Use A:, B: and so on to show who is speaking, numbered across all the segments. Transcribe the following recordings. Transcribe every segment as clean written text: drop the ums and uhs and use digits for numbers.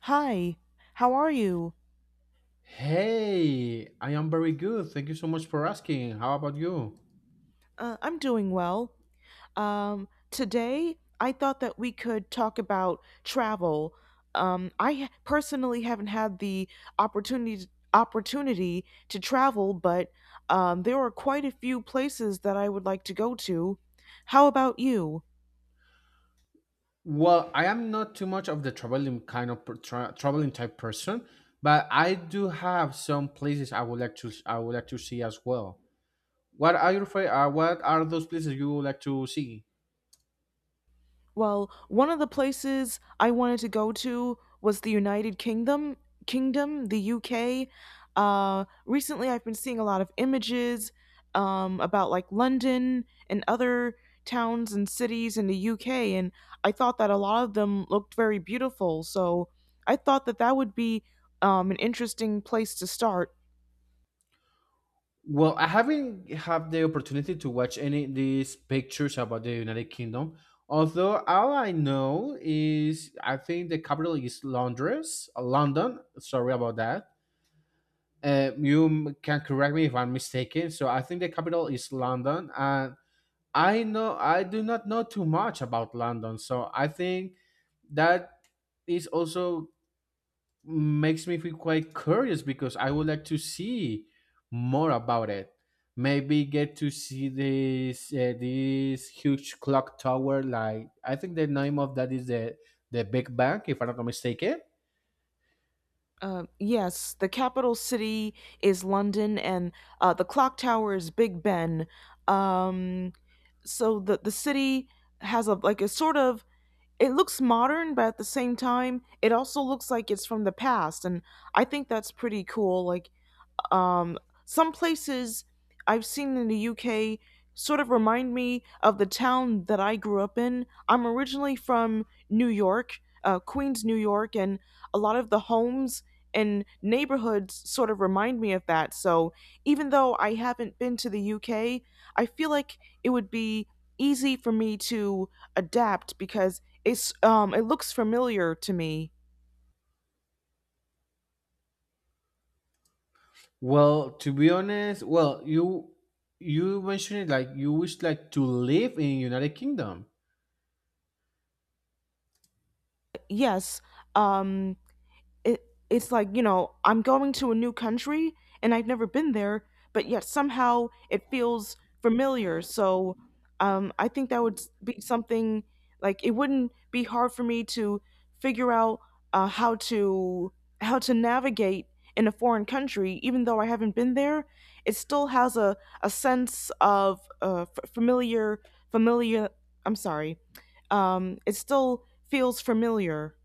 A: Hi, how are you?
B: Hey, I am very good. Thank you so much for asking. How about you?
A: I'm doing well. Today, I thought that we could talk about travel. Personally haven't had the opportunity opportunity to travel, but there are quite a few places that I would like to go to. How about you?
B: Well, I am not too much of the traveling kind of traveling type person, but I do have some places I would like to see as well. What are your What are those places you would like to see?
A: Well, one of the places I wanted to go to was the United Kingdom, the UK. Recently, I've been seeing a lot of images about like London and other towns and cities in the UK, and I thought that a lot of them looked very beautiful. So I thought that would be an interesting place to start.
B: Well, I haven't had the opportunity to watch any these pictures about the United Kingdom. Although all I know is I think the capital is Londres, London. Sorry about that. You can correct me if I'm mistaken. So I think the capital is London, and I know I do not know too much about London. So I think that is also makes me feel quite curious because I would like to see more about it. Maybe get to see this huge clock tower. Like I think the name of that is the Big Bang, if I'm not mistaken.
A: Yes, the capital city is London, and the clock tower is Big Ben. Um, so the city has, a like a sort of, it looks modern but at the same time it also looks like it's from the past, and I think that's pretty cool um, some places I've seen in the UK sort of remind me of the town that I grew up in. I'm originally from New York, Queens, New York, and a lot of the homes and neighborhoods sort of remind me of that. So even though I haven't been to the UK, I feel like it would be easy for me to adapt because it looks familiar to me.
B: Well, to be honest, well, you mentioned it like you wish like to live in United Kingdom.
A: Yes, um, it it's like, you know, I'm going to a new country and I've never been there, but yet somehow it feels familiar. So I think that would be something, like it wouldn't be hard for me to figure out uh, how to how to navigate in a foreign country. Even though I haven't been there, it still has a sense of f- familiar familiar I'm sorry it still feels familiar.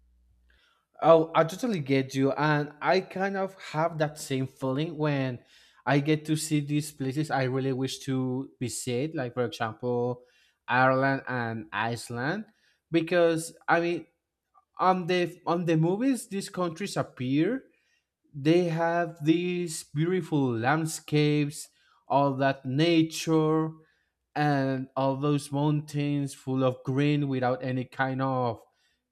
B: Oh, I totally get you, and I kind of have that same feeling when I get to see these places I really wish to visit, like for example, Ireland and Iceland, because I mean, on the movies, these countries appear, they have these beautiful landscapes, all that nature, and all those mountains full of green without any kind of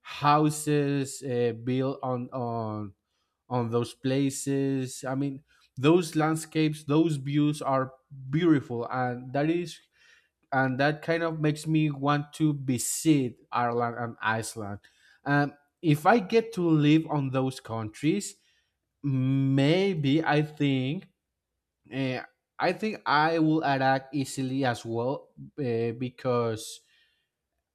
B: houses built on those places. I mean, those landscapes, those views are beautiful, and that is and that kind of makes me want to visit Ireland and Iceland. Um, if I get to live on those countries, maybe I think uh, I think I will adapt easily as well, because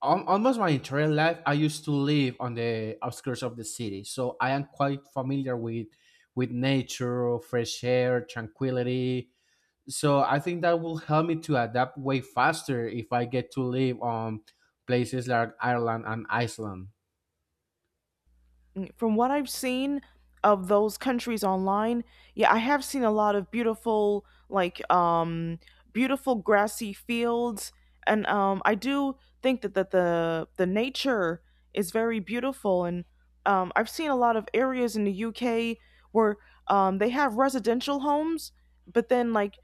B: almost my entire life I used to live on the outskirts of the city, so I am quite familiar with nature, fresh air, tranquility. So I think that will help me to adapt way faster if I get to live on places like Ireland and Iceland.
A: From what I've seen of those countries online, yeah, I have seen a lot of beautiful, like, beautiful grassy fields, and I do think that the nature is very beautiful, and I've seen a lot of areas in the UK where they have residential homes, but then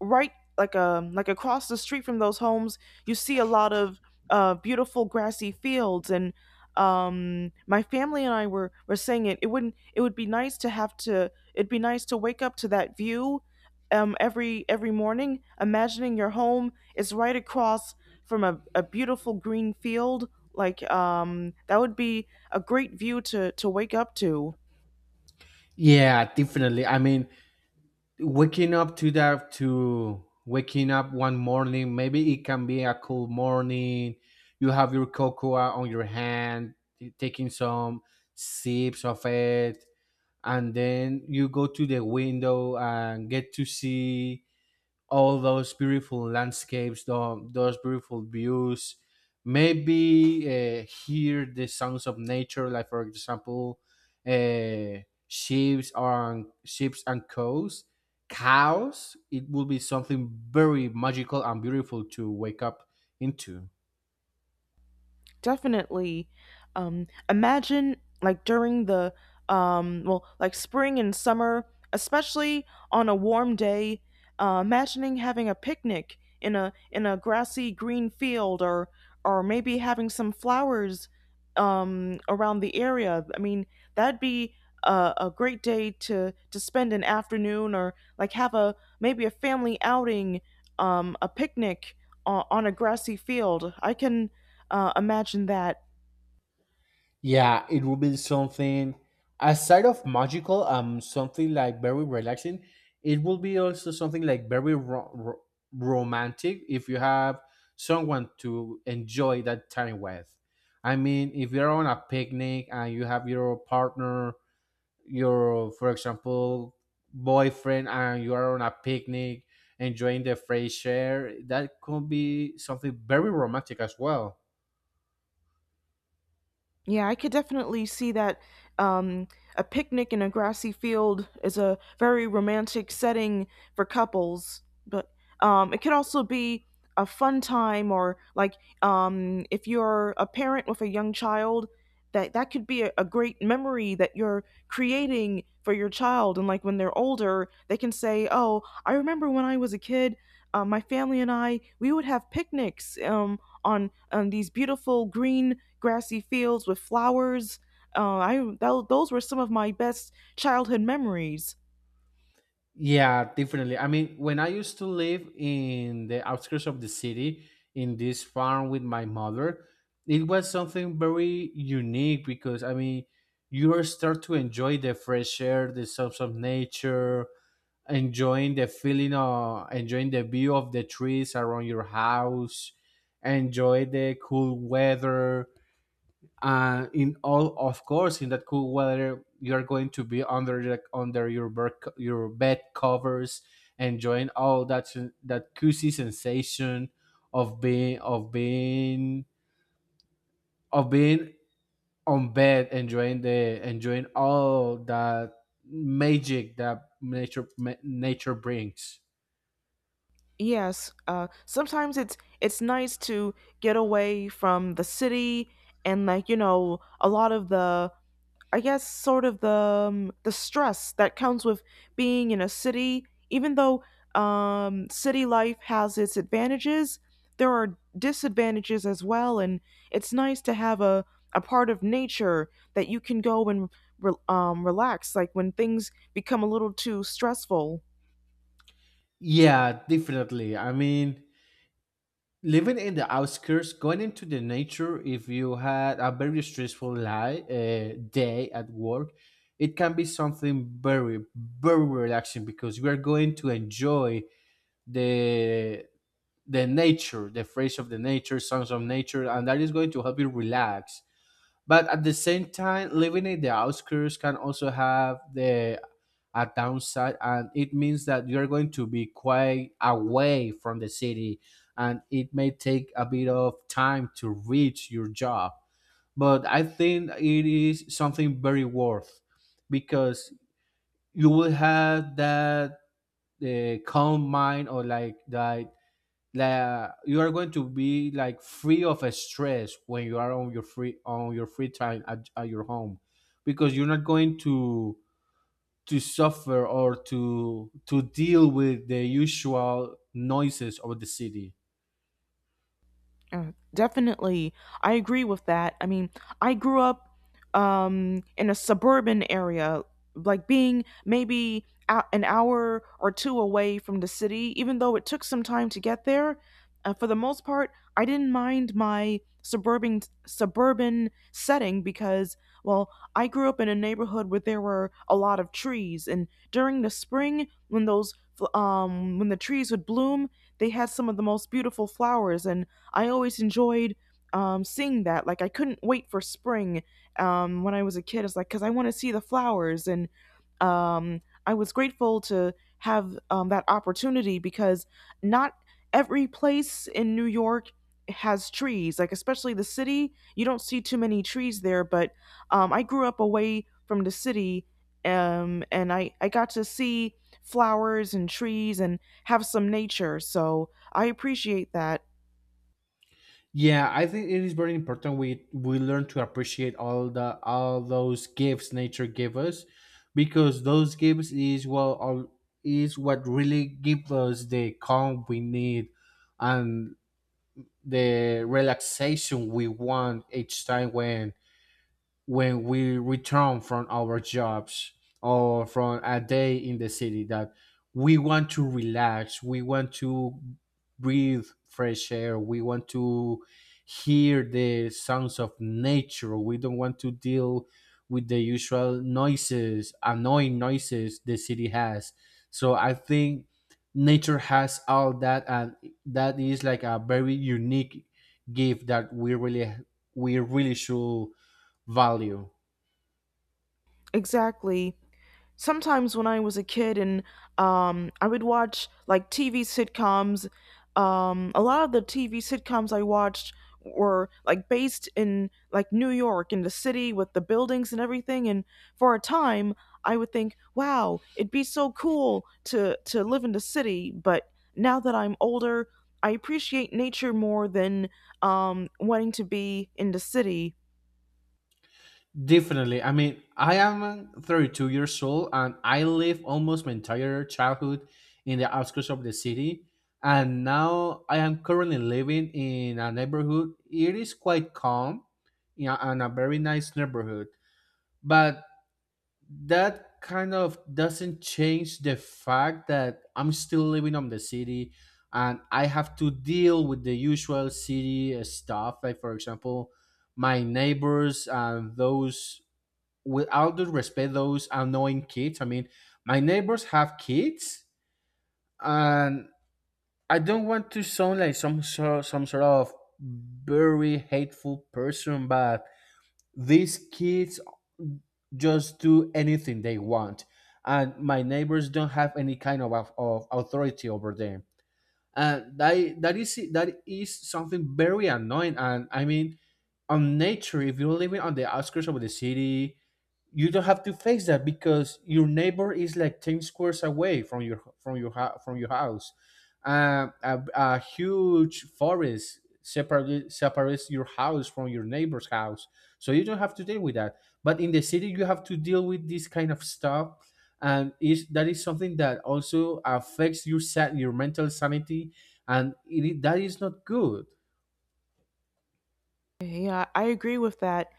A: right across the street from those homes, you see a lot of beautiful grassy fields. And my family and I were saying it it wouldn't it would be nice to have to it'd be nice to wake up to that view every morning, imagining your home is right across from a beautiful green field. Like that would be a great view to wake up to.
B: Yeah, definitely. I mean, waking up to that to waking up one morning, maybe it can be a cool morning, you have your cocoa on your hand taking some sips of it, and then you go to the window and get to see all those beautiful landscapes, those beautiful views. Maybe hear the sounds of nature, like for example, uh, ships on ships and cows, cows. It will be something very magical and beautiful to wake up into.
A: Definitely. Imagine like during the like spring and summer, especially on a warm day, imagining having a picnic in a grassy green field, or maybe having some flowers around the area. I mean, that'd be a great day to spend an afternoon, or like have a, maybe a family outing, a picnic on a grassy field. I can imagine that.
B: Yeah, it will be something aside of magical, something like very relaxing. It will be also something like very romantic if you have someone to enjoy that time with. I mean, if you're on a picnic and you have your partner, your, for example, boyfriend, and you are on a picnic enjoying the fresh air, that could be something very romantic as well.
A: Yeah, I could definitely see that. um, a picnic in a grassy field is a very romantic setting for couples, but it could also be a fun time, or like, if you're a parent with a young child, that could be a great memory that you're creating for your child. And like when they're older, they can say, "Oh, I remember when I was a kid, my family and I we would have picnics, on these beautiful green grassy fields with flowers. Those were some of my best childhood memories."
B: Yeah, definitely. I mean, when I used to live in the outskirts of the city in this farm with my mother, it was something very unique because I mean, you start to enjoy the fresh air, the sounds of nature, enjoying the feeling of enjoying the view of the trees around your house, enjoy the cool weather, in all of course in that cool weather you're going to be under under your your bed covers enjoying all that that cozy sensation of being of being of being on bed enjoying the enjoying all that magic that nature brings.
A: Yes, sometimes it's nice to get away from the city, and, like, you know, a lot of the, I guess, sort of the, the stress that comes with being in a city. Even though, city life has its advantages, there are disadvantages as well, and it's nice to have a part of nature that you can go and relax, like when things become a little too stressful.
B: Yeah, definitely. I mean, living in the outskirts, going into the nature, if you had a very stressful life, day at work, it can be something very, very relaxing because you are going to enjoy the nature, the phrase of the nature, songs of nature, and that is going to help you relax. But at the same time, living in the outskirts can also have the a downside, and it means that you're going to be quite away from the city and it may take a bit of time to reach your job. But I think it is something very worth because you will have that calm mind, or like that, like you are going to be like free of stress when you are on your free time at your home, because you're not going to suffer or to deal with the usual noises of the city.
A: Definitely. I agree with that. I mean, I grew up in a suburban area, like being maybe an hour or two away from the city, even though it took some time to get there. For the most part, I didn't mind my suburban setting because, well, I grew up in a neighborhood where there were a lot of trees, and during the spring, when when the trees would bloom, they had some of the most beautiful flowers, and I always enjoyed, seeing that. Like, I couldn't wait for spring, when I was a kid. It's like because I want to see the flowers, and I was grateful to have that opportunity because not every place in New York has trees. Like, especially the city, you don't see too many trees there. But I grew up away from the city, and I got to see flowers and trees and have some nature. So I appreciate that.
B: Yeah, I think it is very important we learn to appreciate all those gifts nature gave us, because those gifts is well all is what really give us the calm we need, and the relaxation we want each time when we return from our jobs or from a day in the city, that we want to relax, we want to breathe fresh air, we want to hear the sounds of nature, we don't want to deal with the usual noises, annoying noises the city has. So I think nature has all that, and that is like a very unique gift that we really should value.
A: Exactly. Sometimes when I was a kid and I would watch like TV sitcoms, a lot of the TV sitcoms I watched were like based in like New York in the city with the buildings and everything. And for a time, I would think, wow, it'd be so cool to live in the city. But now that I'm older, I appreciate nature more than wanting to be in the city.
B: Definitely, I mean, I am 32 years old, and I live almost my entire childhood in the outskirts of the city, and now I am currently living in a neighborhood, it is quite calm, yeah, and a very nice neighborhood. But that kind of doesn't change the fact that I'm still living on the city, and I have to deal with the usual city stuff. Like, for example, my neighbors and those, with all due respect, those annoying kids. I mean, my neighbors have kids, and I don't want to sound like some sort of very hateful person, but these kids just do anything they want. And my neighbors don't have any kind of authority over them. And that is something very annoying. And I mean, on nature, if you're living on the outskirts of the city, you don't have to face that because your neighbor is like 10 squares away from your from your from your house. A huge forest separates your house from your neighbor's house, so you don't have to deal with that. But in the city, you have to deal with this kind of stuff, and is that is something that also affects your your mental sanity, and that is not good.
A: Yeah, I agree with that.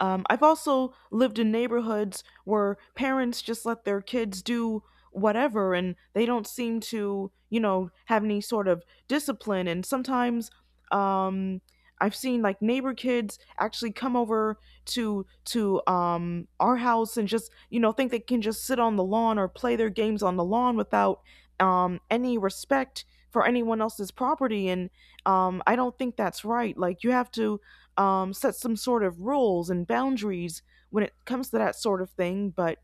A: I've also lived in neighborhoods where parents just let their kids do whatever, and they don't seem to, you know, have any sort of discipline. And sometimes um, I've seen like neighbor kids actually come over to our house and just, you know, think they can just sit on the lawn or play their games on the lawn without, any respect for anyone else's property. And I don't think that's right. Like, you have to, set some sort of rules and boundaries when it comes to that sort of thing. But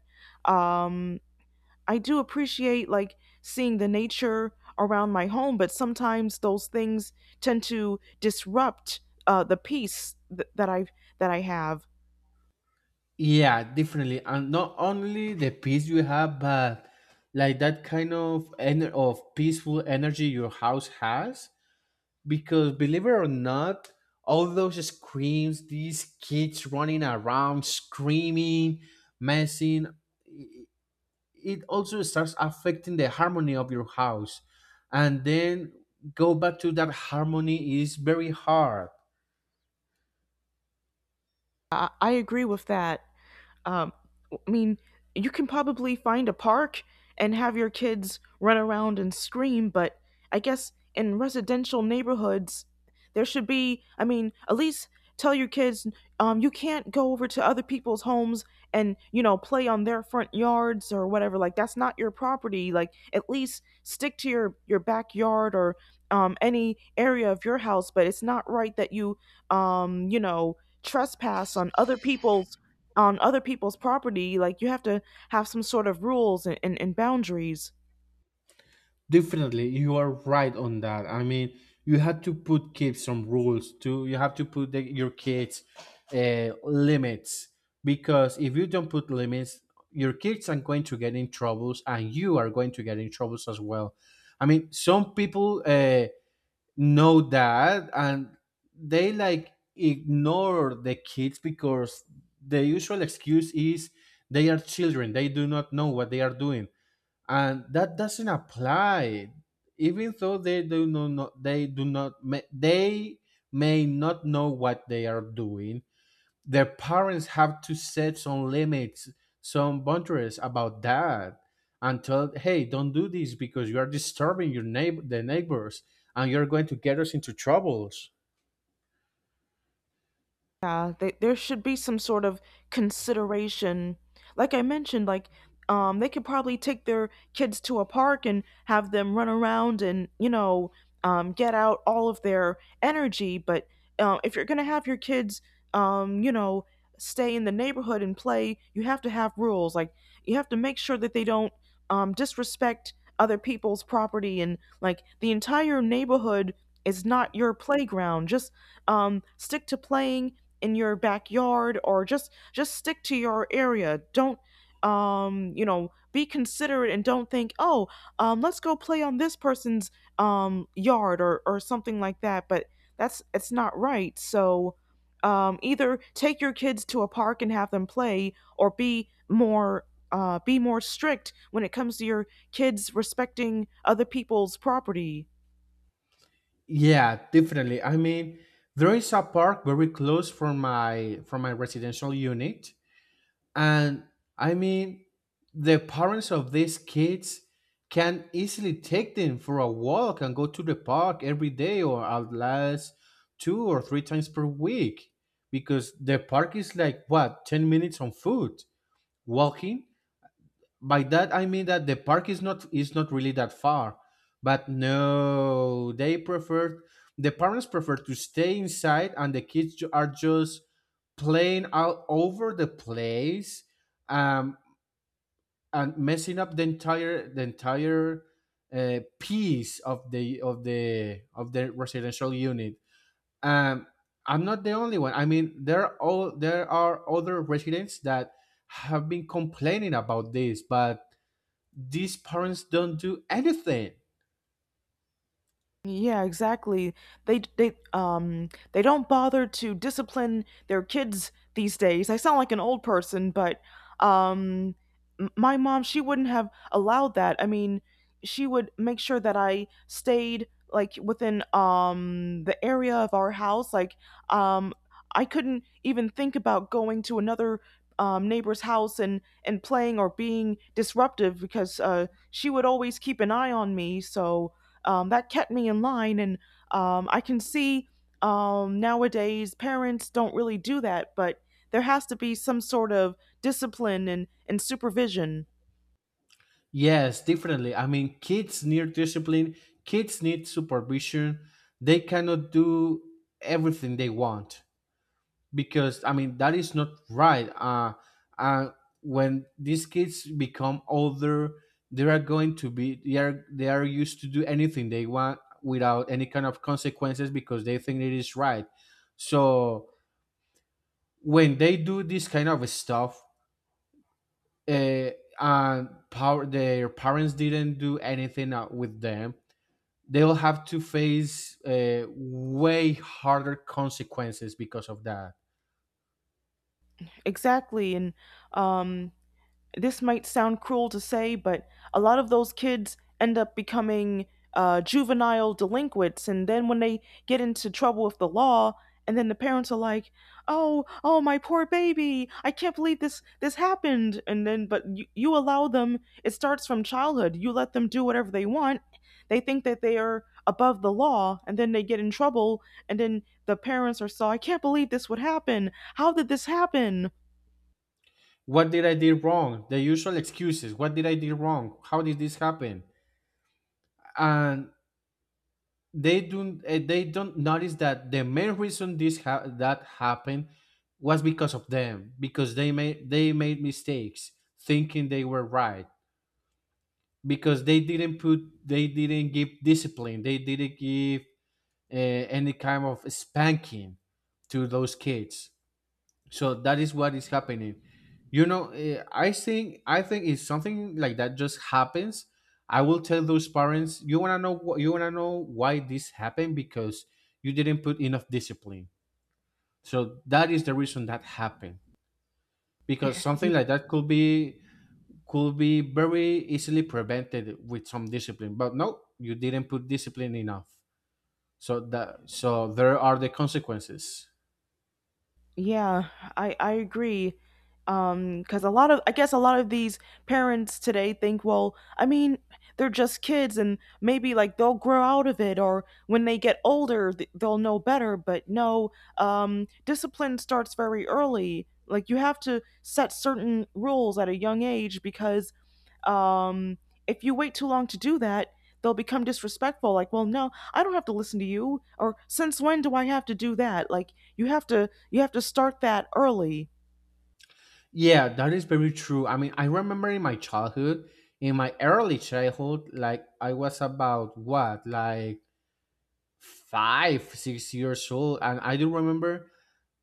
A: um, I do appreciate like seeing the nature around my home, but sometimes those things tend to disrupt the peace that I have.
B: Yeah, definitely. And not only the peace you have, but like that kind of of peaceful energy your house has. Because believe it or not, all those screams, these kids running around, screaming, messing, it also starts affecting the harmony of your house. And then go back to that harmony is very hard.
A: I agree with that. Um, I mean, you can probably find a park and have your kids run around and scream, but I guess in residential neighborhoods, there should be, I mean, at least tell your kids, you can't go over to other people's homes and, you know, play on their front yards or whatever. Like, that's not your property. Like, at least stick to your backyard or any area of your house, but it's not right that you, you know, trespass on other people's property. Like, you have to have some sort of rules and boundaries.
B: Definitely, you are right on that. I mean, you have to put kids some rules too. You have to put your kids limits, because if you don't put limits, your kids are going to get in troubles and you are going to get in troubles as well. I mean, some people know that, and they like ignore the kids because the usual excuse is they are children, they do not know what they are doing, and that doesn't apply. Even though they do not know, they may not know what they are doing, their parents have to set some limits, some boundaries about that, and tell, hey, don't do this because you are disturbing your neighbor the neighbors, and you're going to get us into troubles.
A: Yeah, there should be some sort of consideration. Like I mentioned, like, they could probably take their kids to a park and have them run around and, you know, get out all of their energy. But if you're gonna have your kids, you know, stay in the neighborhood and play, you have to have rules. Like, you have to make sure that they don't, disrespect other people's property. And like, the entire neighborhood is not your playground. Just stick to playing in your backyard, or just stick to your area. Don't, you know, be considerate, and don't think, "Oh, let's go play on this person's yard" or something like that. But that's it's not right. So, either take your kids to a park and have them play, or be more, be more strict when it comes to your kids respecting other people's property.
B: Yeah, definitely. I mean, there is a park very close from my residential unit. And I mean, the parents of these kids can easily take them for a walk and go to the park every day, or at least two or three times per week, because the park is like what, 10 minutes on foot walking. By that I mean that the park is not really that far, but no, they prefer, the parents prefer to stay inside, and the kids are just playing out over the place, um, and messing up the entire piece of the of the of the residential unit. Um, I'm not the only one. I mean, there are all there are other residents that have been complaining about this, but these parents don't do anything.
A: Yeah, exactly. They they don't bother to discipline their kids these days. I sound like an old person, but um my mom, she wouldn't have allowed that. I mean, she would make sure that I stayed like within the area of our house. Like, um I couldn't even think about going to another neighbor's house and playing or being disruptive, because she would always keep an eye on me. So that kept me in line. And I can see nowadays parents don't really do that, but there has to be some sort of discipline and supervision.
B: Yes, definitely. I mean, kids need discipline, kids need supervision. They cannot do everything they want because, I mean, that is not right. Uh, when these kids become older, they are going to be they are used to do anything they want without any kind of consequences because they think it is right. So when they do this kind of stuff, uh, and power their parents didn't do anything with them, they'll have to face way harder consequences because of that.
A: Exactly. And um, this might sound cruel to say, but a lot of those kids end up becoming, juvenile delinquents. And then when they get into trouble with the law, and then the parents are like, "Oh, oh, my poor baby! I can't believe this happened." And then, but you allow them. It starts from childhood. You let them do whatever they want. They think that they are above the law, and then they get in trouble. And then the parents are so, "I can't believe this would happen. How did this happen?"
B: What did I do wrong? The usual excuses. What did I do wrong? How did this happen? And they don't they don't notice that the main reason that happened was because of them, because they made mistakes thinking they were right, because they didn't give discipline, they didn't give any kind of spanking to those kids. So that is what is happening. I think if something like that just happens, I will tell those parents, you want to know why this happened. Because you didn't put enough discipline, so that is the reason that happened. Because something like that could be very easily prevented with some discipline, but no, you didn't put discipline enough. So that so there are the consequences.
A: Yeah, I agree. Because a lot of, I guess, a lot of these parents today think, well, I mean, they're just kids, and maybe like they'll grow out of it, or when they get older, they'll know better. But no, discipline starts very early. Like, you have to set certain rules at a young age, because um, if you wait too long to do that, they'll become disrespectful. Like, "Well, no, I don't have to listen to you." Or, "Since when do I have to do that?" Like, you have to start that early.
B: Yeah, that is very true. I mean, I remember in my childhood, in my early childhood, like I was about, what, like 5, 6 years old, and I do remember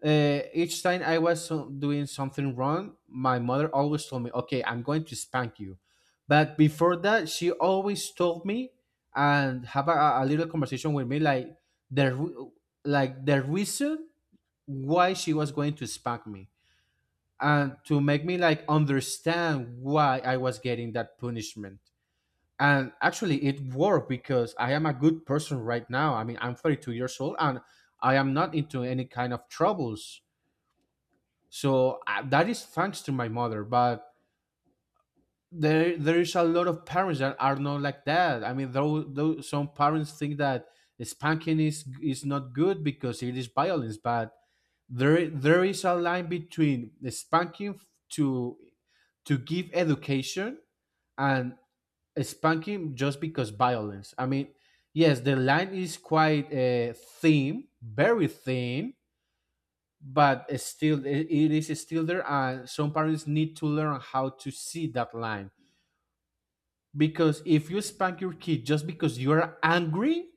B: each time I was doing something wrong, my mother always told me, "Okay, I'm going to spank you." But before that, she always told me and have a little conversation with me, the re- like the reason why she was going to spank me, and to make me like understand why I was getting that punishment. And actually, it worked because I am a good person right now. I mean, I'm 32 years old and I am not into any kind of troubles, so that is thanks to my mother. But there is a lot of parents that are not like that. I mean, though some parents think that spanking is not good because it is violence, but there is a line between spanking to to give education and spanking just because violence. I mean, yes, the line is quite thin, very thin, but it is still there, and some parents need to learn how to see that line. Because if you spank your kid just because you're angry,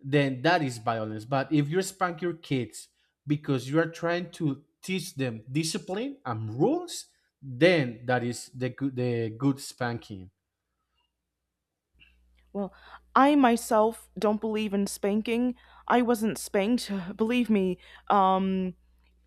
B: then that is violence. But if you spank your kids because you are trying to teach them discipline and rules, then that is the good spanking.
A: Well, I myself don't believe in spanking. I wasn't spanked, believe me. Um,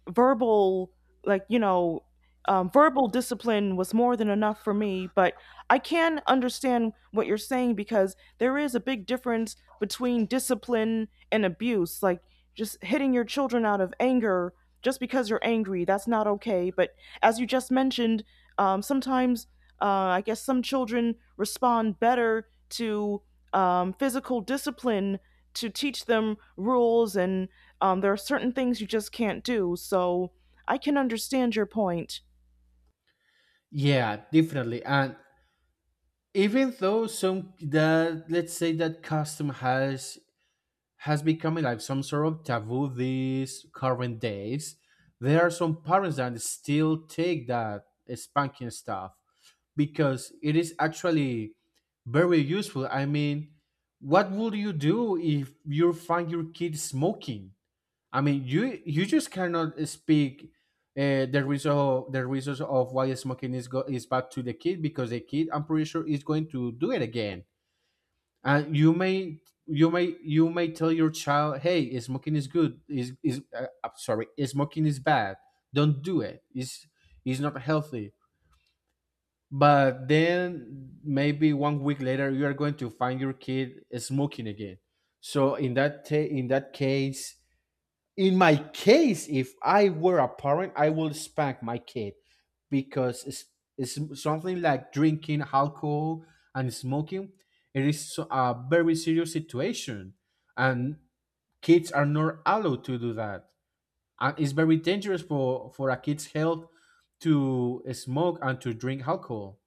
A: Verbal, like, you know, verbal discipline was more than enough for me, but I can understand what you're saying, because there is a big difference between discipline and abuse. Like, just hitting your children out of anger, just because you're angry, that's not okay. But as you just mentioned, sometimes, I guess some children respond better to, physical discipline to teach them rules, and there are certain things you just can't do. So I can understand your point.
B: Yeah, definitely. And even though some that let's say that custom has become like some sort of taboo these current days. There are some parents that still take that spanking stuff because it is actually very useful. I mean, what would you do if you find your kid smoking? I mean, you just cannot speak uh, the reason the reasons of why smoking is bad to the kid, because the kid, I'm pretty sure, is going to do it again. And you may tell your child, "Hey, smoking is good, is I'm sorry, smoking is bad, don't do it. It's not healthy." But then maybe one week later you are going to find your kid smoking again. So in that case, in my case, if I were a parent, I would spank my kid, because it's something like drinking alcohol and smoking. It is a very serious situation, and kids are not allowed to do that. And it's very dangerous for a kid's health to smoke and to drink alcohol.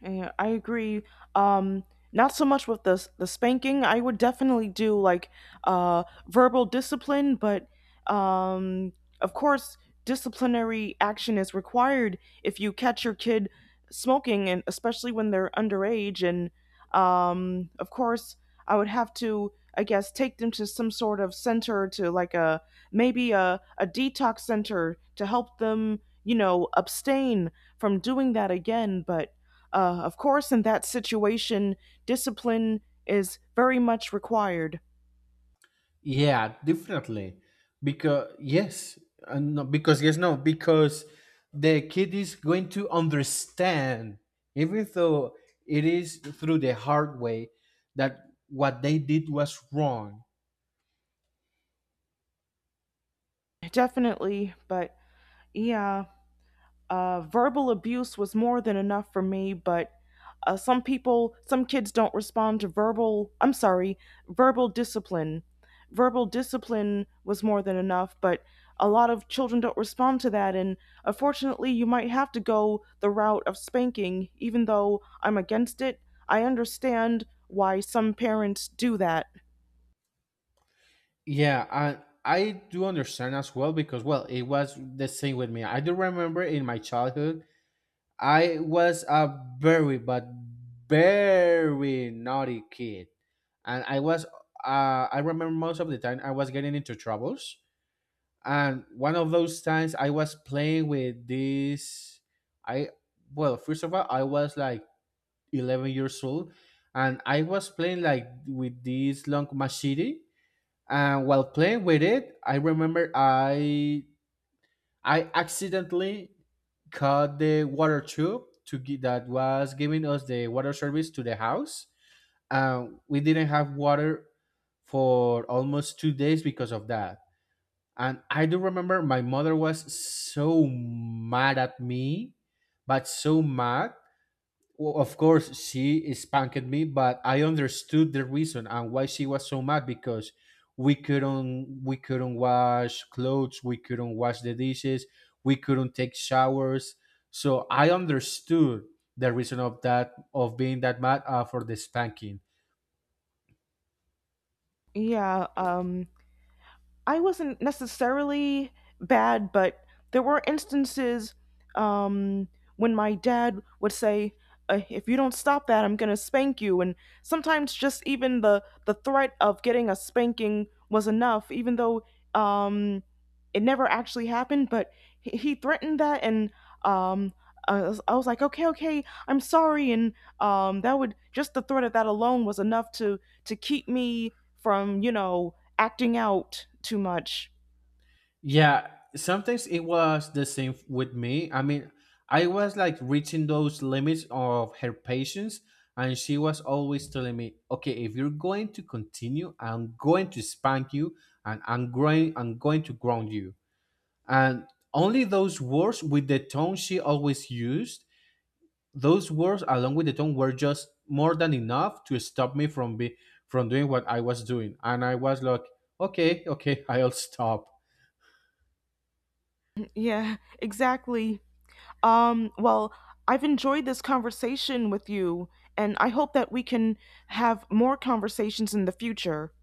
A: Yeah, I agree. Um, Not so much with the the spanking. I would definitely do like, verbal discipline, but um, of course, disciplinary action is required if you catch your kid smoking, and especially when they're underage. And of course, I would have to, I guess, take them to some sort of center, to like a maybe a detox center to help them, you know, abstain from doing that again. But of course, in that situation, discipline is very much required.
B: Yeah, definitely. Because yes, no, because yes, no, because the kid is going to understand, even though it is through the hard way, that what they did was wrong.
A: Definitely, but yeah. Verbal abuse was more than enough for me, but some people, some kids don't respond to verbal, I'm sorry, verbal discipline. Verbal discipline was more than enough, but a lot of children don't respond to that. And unfortunately, you might have to go the route of spanking, even though I'm against it. I understand why some parents do that.
B: Yeah, and I do understand as well, because, well, it was the same with me. I do remember in my childhood, I was a very but very naughty kid, and I remember most of the time I was getting into troubles. And one of those times I was playing with this I well, first of all, I was like 11 years old, and I was playing like with this long machete. And while playing with it, I remember I accidentally cut the water tube that was giving us the water service to the house. We didn't have water for almost 2 days because of that. And I do remember my mother was so mad at me, but so mad. Well, of course, she spanked me, but I understood the reason and why she was so mad, because we couldn't wash clothes, we couldn't wash the dishes, we couldn't take showers. So I understood the reason of that, of being that mad for the spanking.
A: Yeah, I wasn't necessarily bad, but there were instances, um, when my dad would say, "If you don't stop that, I'm gonna spank you." And sometimes just even the threat of getting a spanking was enough, even though, um, it never actually happened. But he threatened that, and um, I was like, "Okay, okay, I'm sorry." And that would, just the threat of that alone was enough to keep me from, you know, acting out too much.
B: Yeah, sometimes it was the same with me. I mean, I was like reaching those limits of her patience, and she was always telling me, "Okay, if you're going to continue, I'm going to spank you, and I'm going to ground you." And only those words with the tone she always used, those words along with the tone were just more than enough to stop me from be from doing what I was doing. And I was like, "Okay, okay, I'll stop."
A: Yeah, exactly. Well, I've enjoyed this conversation with you, and I hope that we can have more conversations in the future.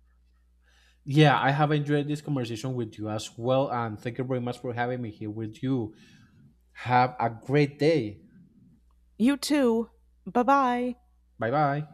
B: Yeah, I have enjoyed this conversation with you as well. And thank you very much for having me here with you. Have a great day.
A: You too. Bye bye.
B: Bye bye.